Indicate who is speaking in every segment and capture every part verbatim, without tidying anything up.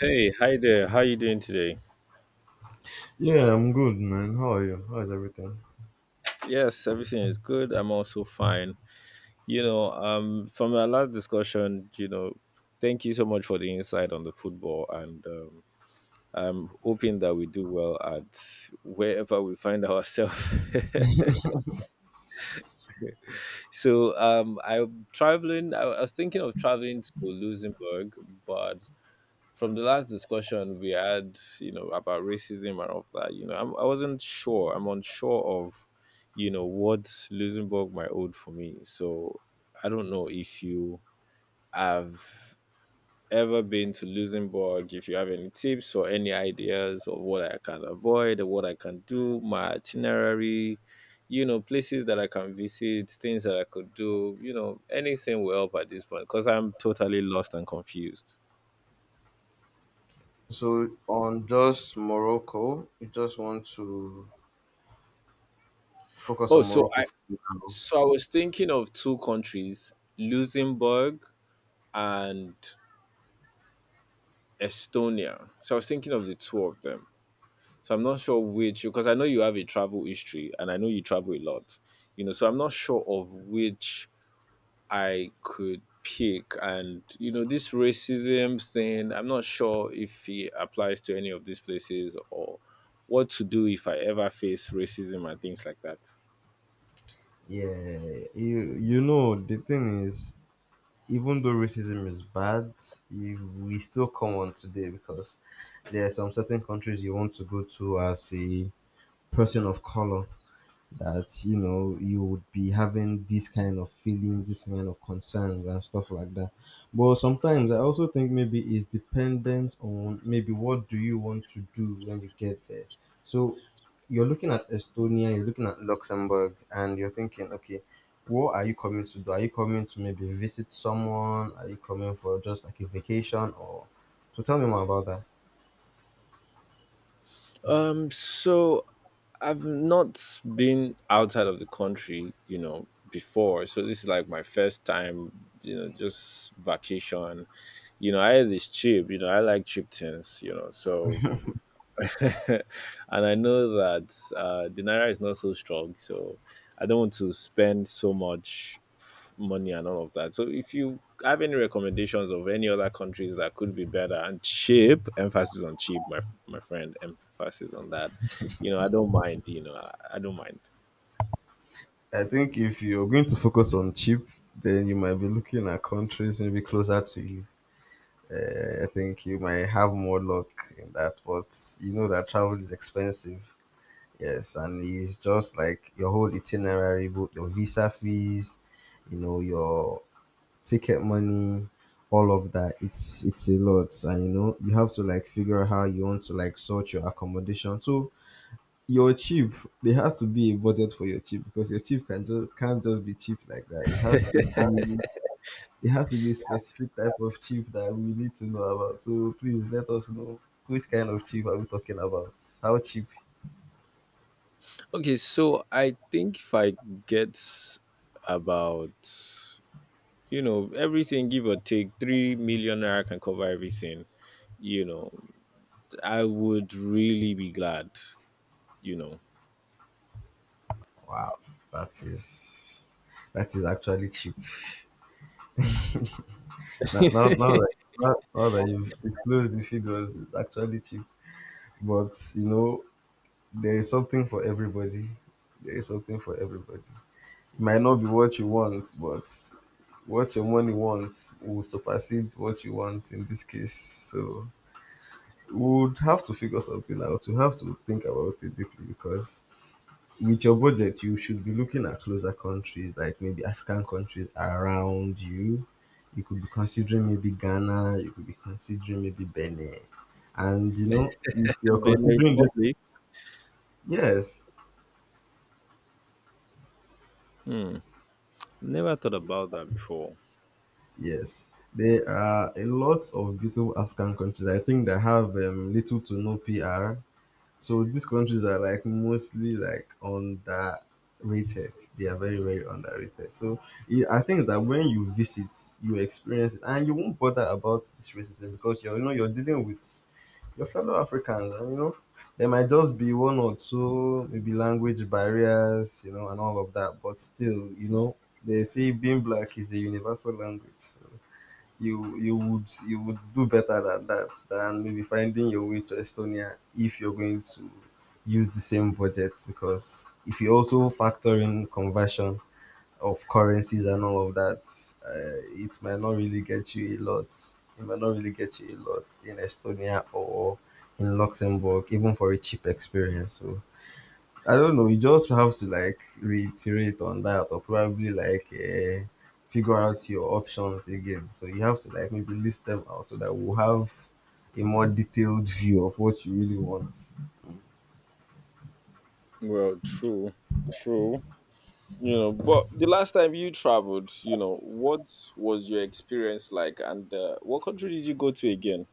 Speaker 1: Hey, hi there. How you doing today?
Speaker 2: Yeah, I'm good, man. How are you? How is everything?
Speaker 1: Yes, everything is good. I'm also fine. You know, um, from our last discussion, you know, thank you so much for the insight on the football, and um, I'm hoping that we do well at wherever we find ourselves. so, um, I'm traveling. I was thinking of traveling to Luxembourg, but from the last discussion we had, you know, about racism and all of that, you know, I'm, I wasn't sure. I'm unsure of, you know, what Luxembourg might hold for me. So I don't know if you have ever been to Luxembourg, if you have any tips or any ideas of what I can avoid or what I can do, my itinerary, you know, places that I can visit, things that I could do, you know, anything will help at this point because I'm totally lost and confused.
Speaker 2: So on just Morocco, you just want to focus
Speaker 1: Oh,
Speaker 2: on
Speaker 1: so
Speaker 2: Morocco
Speaker 1: I,
Speaker 2: for now.
Speaker 1: So I was thinking of two countries, Luxembourg and Estonia. So I was thinking of the two of them. So I'm not sure which because I know you have a travel history and I know you travel a lot. You know, so I'm not sure of which I could pick. And you know, this racism thing, I'm not sure if it applies to any of these places, or what to do if I ever face racism and things like that.
Speaker 2: Yeah, you you know the thing is, even though racism is bad, you, we still come on today because there are some certain countries you want to go to as a person of color, that you know you would be having this kind of feeling, this kind of concerns and stuff like that. But sometimes I also think maybe it's dependent on maybe what do you want to do when you get there. So you're looking at Estonia, you're looking at Luxembourg, and you're thinking, okay, what are you coming to do? Are you coming to maybe visit someone? Are you coming for just like a vacation, or so tell me more about that.
Speaker 1: Um so I've not been outside of the country, you know, before. So this is like my first time, you know, just vacation. You know, I is cheap, you know, I like cheap things, you know. So and I know that uh, the naira is not so strong, so I don't want to spend so much f- money and all of that. So, if you have any recommendations of any other countries that could be better and cheap, emphasis on cheap, my my friend, emphasis on that. You know, I don't mind. You know, I, I don't mind.
Speaker 2: I think if you're going to focus on cheap, then you might be looking at countries maybe closer to you. Uh, I think you might have more luck in that, but you know that travel is expensive. Yes, and it's just like your whole itinerary, both your visa fees, you know, your ticket money, all of that. It's it's a lot, and you know you have to like figure out how you want to like sort your accommodation. So your cheap, there has to be a budget for your cheap because your cheap can just can't just be cheap like that. It has to be it has to be a specific type of chief that we need to know about. So please let us know which kind of chief are we talking about? How cheap?
Speaker 1: Okay, so I think if I get about, you know, everything, give or take three million naira can cover everything, you know, I would really be glad, you know.
Speaker 2: Wow, that is that is actually cheap. now, now, now that now, now that you've disclosed the figures, it's actually cheap. But you know, there is something for everybody. There is something for everybody. It might not be what you want, but what your money wants will supersede what you want in this case. So would have to figure something out. You have to think about it deeply because with your budget, you should be looking at closer countries like maybe African countries around you. You could be considering maybe Ghana. You could be considering maybe Benin. And you know, if you're
Speaker 1: Benin
Speaker 2: considering this,
Speaker 1: Republic.
Speaker 2: yes,
Speaker 1: Hmm. Never thought about that before.
Speaker 2: yes, there are a lot of beautiful African countries. I think that have um, little to no P R. So these countries are like mostly like underrated. They are very very underrated. So it, I think that when you visit, you experience it, and you won't bother about this racism because you are you know you're dealing with your fellow Africans, and you know there might just be one or two maybe language barriers, you know, and all of that. But still, you know, they say being black is a universal language. So you you would you would do better than that than maybe finding your way to Estonia if you're going to use the same budget because if you also factor in conversion of currencies and all of that, uh, it might not really get you a lot. It might not really get you a lot in Estonia or in Luxembourg, even for a cheap experience. So I don't know. You just have to like reiterate on that, or probably like uh, figure out your options again. So you have to like maybe list them out so that we'll have a more detailed view of what you really want.
Speaker 1: Well, true, true. You know, but the last time you traveled, you know, what was your experience like, and uh, what country did you go to again?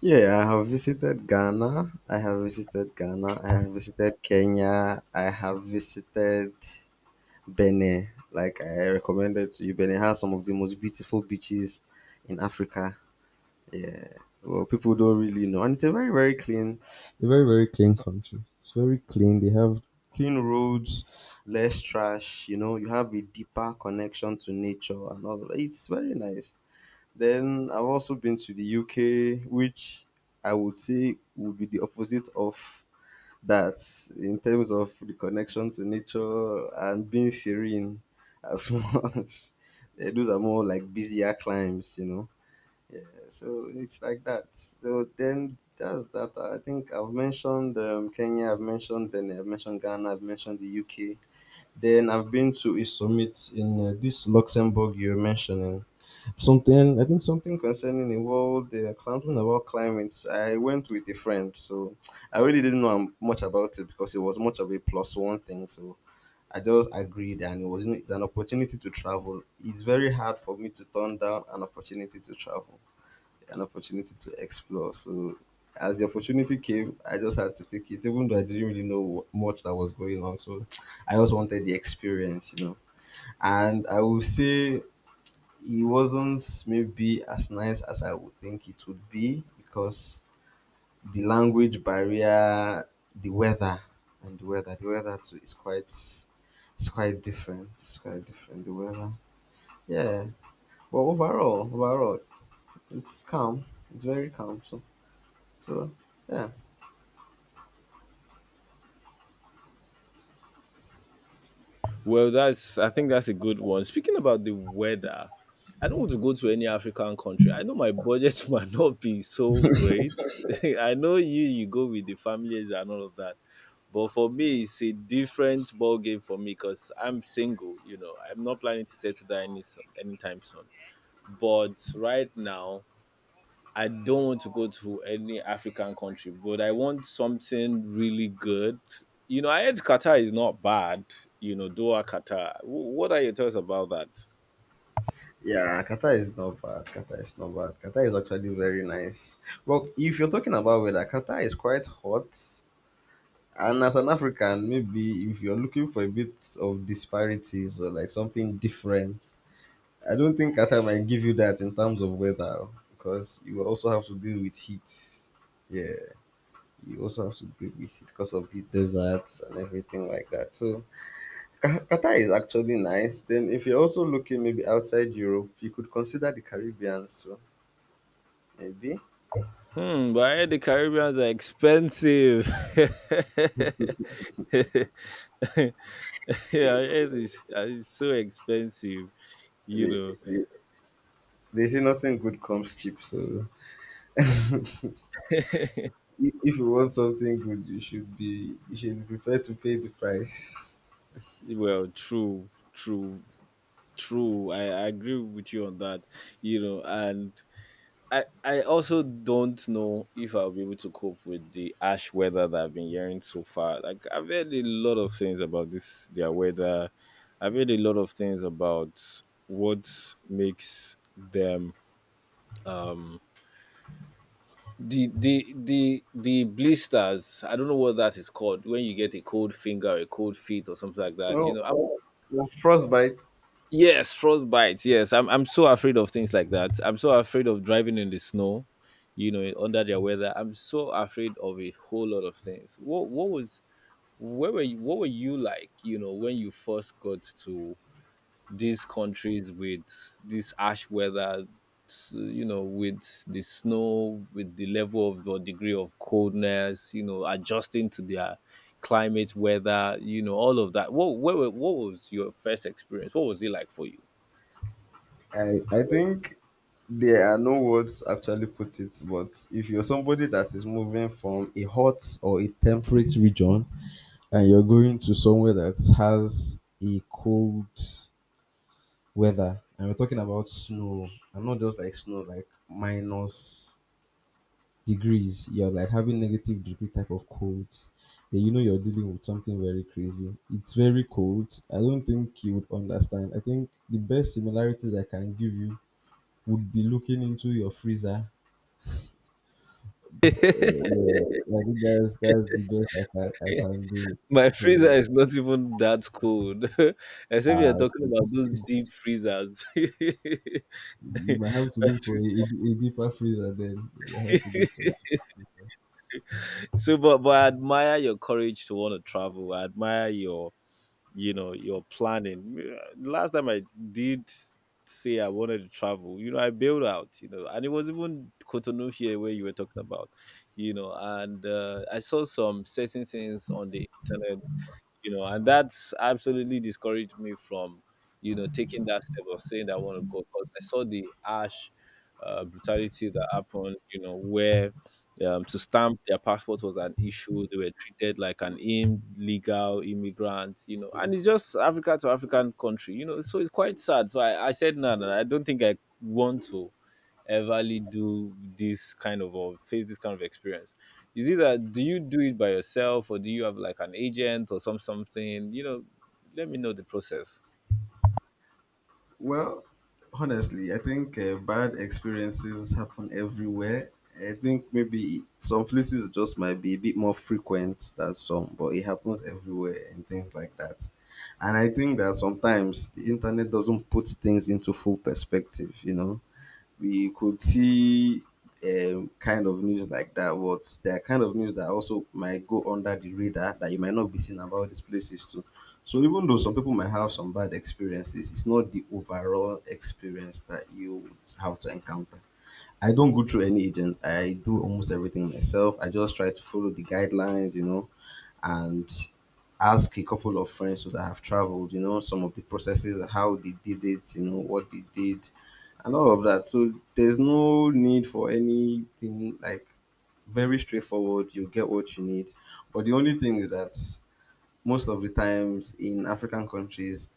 Speaker 2: Yeah, I have visited Ghana. I have visited Ghana. I have visited Kenya. I have visited Benin. Like I recommended to you, Benin has some of the most beautiful beaches in Africa. Yeah. Well, people don't really know. And it's a very, very clean, a very, very clean country. It's very clean. They have clean roads, less trash, you know, you have a deeper connection to nature and all that. It's very nice. Then I've also been to the U K, which I would say would be the opposite of that in terms of the connection to nature and being serene as much. Eh, those are more like busier climes, you know. Yeah, so it's like that. So then that's that. I think I've mentioned um, Kenya, I've mentioned Benin, I've mentioned Ghana, I've mentioned the U K. Then I've been to a summit in uh, this Luxembourg you're mentioning. Something I think Something concerning the world, uh, something about climate. I went with a friend, so I really didn't know um, much about it because it was much of a plus one thing. So I just agreed, and it was you know, it's an opportunity to travel. It's very hard for me to turn down an opportunity to travel an opportunity to explore. So as the opportunity came, I just had to take it, even though I didn't really know wh- much that was going on. So I just wanted the experience, you know. And I will say it wasn't maybe as nice as I would think it would be because the language barrier, the weather, and the weather, the weather too is quite, it's quite different. It's quite different. The weather, yeah. But overall, overall, it's calm. It's very calm. So, so yeah.
Speaker 1: Well, that's, I think that's a good one. Speaking about the weather, I don't want to go to any African country. I know my budget might not be so great. I know you you go with the families and all of that. But for me, it's a different ball game for me because I'm single. You know, I'm not planning to settle down any so- anytime soon. But right now, I don't want to go to any African country, but I want something really good. You know, I heard Qatar is not bad. You know, Doha, Qatar. Wh- What are your thoughts about that?
Speaker 2: Yeah, Qatar is not bad. Qatar is not bad. Qatar is actually very nice. Well, if you're talking about weather, Qatar is quite hot. And as an African, maybe if you're looking for a bit of disparities or like something different, I don't think Qatar might give you that in terms of weather because you will also have to deal with heat. Yeah, you also have to deal with it because of the deserts and everything like that. So Qa- Qatar is actually nice. Then, if you're also looking maybe outside Europe, you could consider the Caribbean. So maybe
Speaker 1: Hmm, but I heard the Caribbeans are expensive. Yeah, I heard it's, it's so expensive. You
Speaker 2: they,
Speaker 1: know,
Speaker 2: they, they say nothing good comes cheap. So i- if you want something good, you should be you should be prepared to pay the price.
Speaker 1: well, true, true, true. I, I agree with you on that. You know, and I, I also don't know if I'll be able to cope with the ash weather that I've been hearing so far. Like I've heard a lot of things about this their weather. I've heard a lot of things about what makes them um the the the the blisters. I don't know what that is called when you get a cold finger, a cold feet, or something like that. You
Speaker 2: Well,
Speaker 1: know, I,
Speaker 2: well frostbite.
Speaker 1: Yes, frostbite. Yes, I'm. I'm so afraid of things like that. I'm so afraid of driving in the snow, you know, under their weather. I'm so afraid of a whole lot of things. What What was where were you, What were you like? You know, when you first got to these countries with this ash weather, s- you know, with the snow, with the level of or degree of coldness, you know, adjusting to their climate, weather, you know, all of that. What where were, What was your first experience? What was it like for you?
Speaker 2: I I think there are no words to actually put it. But if you're somebody that is moving from a hot or a temperate region and you're going to somewhere that has a cold weather, and we're talking about snow, and not just like snow, like minus degrees, you're like having negative degree type of cold, then you know you're dealing with something very crazy. It's very cold. I don't think you would understand. I think the best similarities I can give you would be looking into your freezer. Uh, yeah, i think that's that's the best I can I can do.
Speaker 1: My freezer
Speaker 2: So
Speaker 1: is not even that cold. Except you're
Speaker 2: uh,
Speaker 1: talking about those deep freezers.
Speaker 2: you might have to look for a, a, deeper freezer, then you might have to look for.
Speaker 1: So, but but I admire your courage to want to travel. I admire your, you know, your planning. Last time I did say I wanted to travel, you know, I bailed out, you know, and it was even Cotonou here where you were talking about, you know, and uh, I saw some certain things on the internet, you know, and that's absolutely discouraged me from, you know, taking that step of saying that I want to go because I saw the harsh, uh, brutality that happened, you know, where um, to stamp their passport was an issue. They were treated like an illegal immigrant, you know, and it's just Africa to African country, you know, so it's quite sad. So I, I said, no, no, no, I don't think I want to everly do this kind of or face this kind of experience. Is it that, do you do it by yourself, or do you have like an agent or some something? You know, let me know the process.
Speaker 2: Well, honestly, I think uh, bad experiences happen everywhere. I think maybe some places it just might be a bit more frequent than some, but it happens everywhere and things like that. And I think that sometimes the internet doesn't put things into full perspective, you know we could see um, kind of news like that, but there are kind of news that also might go under the radar that you might not be seeing about these places too. So even though some people might have some bad experiences, it's not the overall experience that you would have to encounter. I don't go through any agent. I do almost everything myself. I just try to follow the guidelines, you know, and ask a couple of friends that have traveled, you know, some of the processes, how they did it, you know, what they did, and all of that. So there's no need for anything like very straightforward. You get what you need. But the only thing is that most of the times in African countries,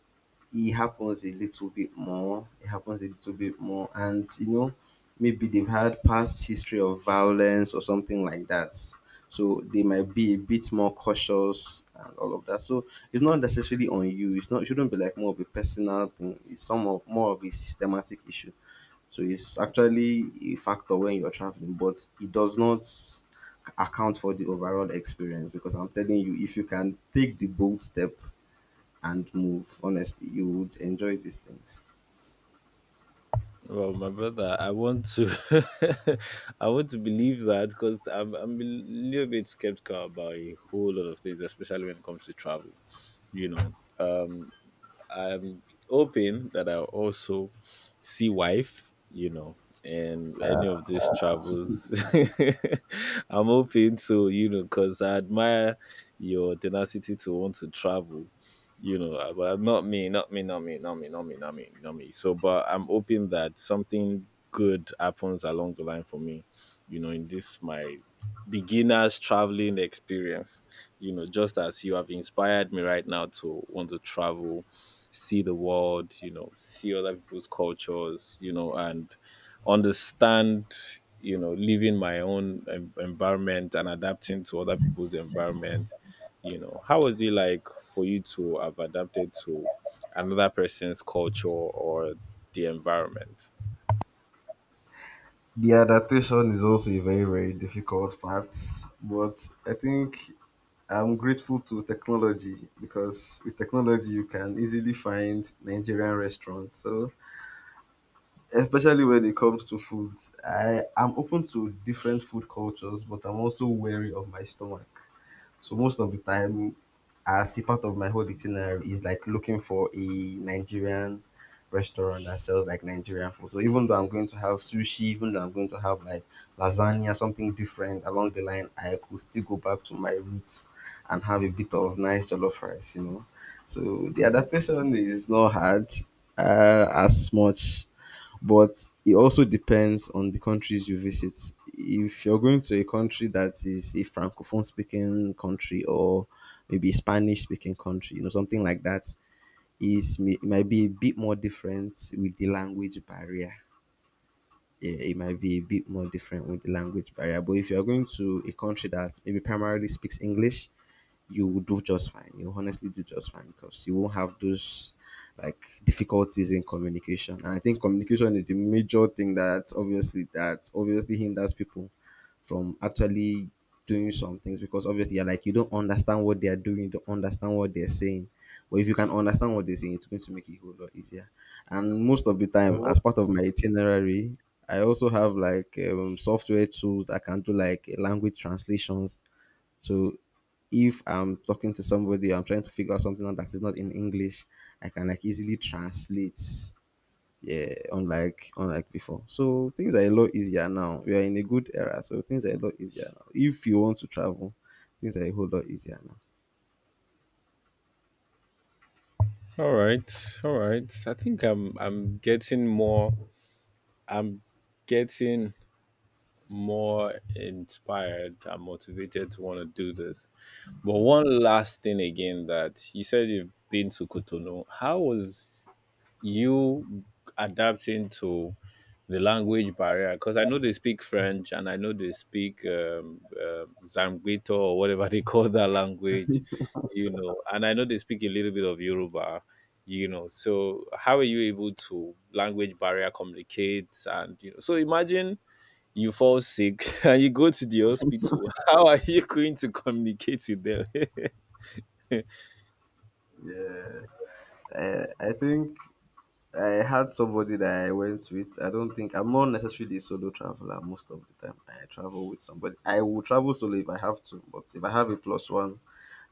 Speaker 2: it happens a little bit more. It happens a little bit more, and you know, maybe they've had past history of violence or something like that. So they might be a bit more cautious and all of that. So it's not necessarily on you. It's not. It shouldn't be like more of a personal thing. It's some of more of a systematic issue. So it's actually a factor when you're traveling, but it does not account for the overall experience because I'm telling you, if you can take the bold step and move. Honestly, you would enjoy these things.
Speaker 1: Well, my brother, I want to, I want to believe that because I'm, I'm a little bit skeptical about a whole lot of things, especially when it comes to travel. You know, um, I'm hoping that I'll also see wife. You know, and any of these travels, I'm hoping to, you know, because I admire your tenacity to want to travel, you know, uh, but not me not me not me not me not me not me not me so but I'm hoping that something good happens along the line for me, you know, in this my beginners traveling experience, you know, just as you have inspired me right now to want to travel, see the world, you know, see other people's cultures, you know, and understand, you know, living my own en- environment and adapting to other people's environment. You know, how was it like for you to have adapted to another person's culture or the environment?
Speaker 2: The adaptation is also a very, very difficult part, but I think I'm grateful to technology because with technology you can easily find Nigerian restaurants. So, especially when it comes to foods, I am open to different food cultures, but I'm also wary of my stomach. So most of the time, as a part of my whole itinerary is like looking for a Nigerian restaurant that sells like Nigerian food. So even though I'm going to have sushi, even though I'm going to have like lasagna, something different along the line, I could still go back to my roots and have a bit of nice jollof rice, you know. So the adaptation is not hard uh, as much, but it also depends on the countries you visit. If you're going to a country that is a francophone speaking country, or maybe a Spanish speaking country, you know, something like that, is may- it might be a bit more different with the language barrier. Yeah, it might be a bit more different with the language barrier. But if you're going to a country that maybe primarily speaks English, you will do just fine. You honestly do just fine because you won't have those like difficulties in communication. And I think communication is the major thing that obviously that obviously hinders people from actually doing some things because obviously you're like you don't understand what they are doing, you don't understand what they're saying. But if you can understand what they're saying, it's going to make it a whole lot easier. And most of the time,
Speaker 1: all
Speaker 2: as part of my itinerary, I also have like um, software tools that can do like language translations. So if I'm talking to somebody, I'm trying to figure out something out that is not in English, I can like easily translate. Yeah, unlike unlike before. So things are a lot easier now. We are in a good era, so things are a lot easier now. If you want to travel, things are a whole lot easier now.
Speaker 1: right all right I think i'm i'm getting more i'm getting more inspired and motivated to want to do this. But one last thing again, that you said you've been to Kotono, how was you adapting to the language barrier? Because I know they speak French and I know they speak um, um Zambito or whatever they call that language, you know, and I know they speak a little bit of Yoruba, you know. So how are you able to language barrier communicate, and you know? So imagine you fall sick and you go to the hospital. How are you going to communicate with them?
Speaker 2: Uh, I think I had somebody that I went with. I don't think I'm not necessarily a solo traveler most of the time. I travel with somebody. I will travel solo if I have to, but if I have a plus one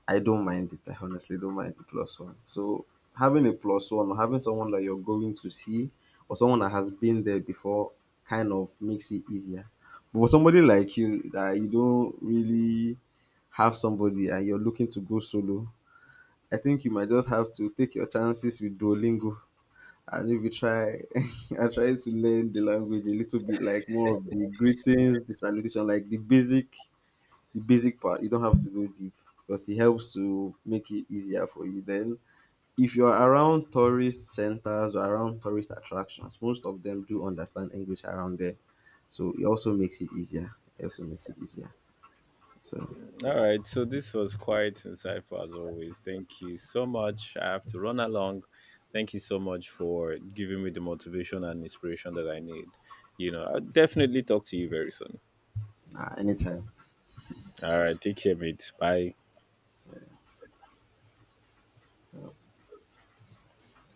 Speaker 2: I don't mind it. I honestly don't mind the plus one. So having a plus one or having someone that you're going to see or someone that has been there before kind of makes it easier. But for somebody like you that you don't really have somebody and you're looking to go solo, I think you might just have to take your chances with Duolingo and maybe try and try to learn the language a little bit, like more of the greetings, the salutation, like the basic the basic part. You don't have to go deep because it helps to make it easier for you. Then, if you're around tourist centers or around tourist attractions, most of them do understand English around there. So it also makes it easier. It also makes it easier. So,
Speaker 1: All right, so this was quite insightful as always. Thank you so much. I have to run along. Thank you so much for giving me the motivation and inspiration that I need. You know, I'll definitely talk to you very soon.
Speaker 2: nah, anytime.
Speaker 1: All right, take care, mate. Bye.
Speaker 2: Uh,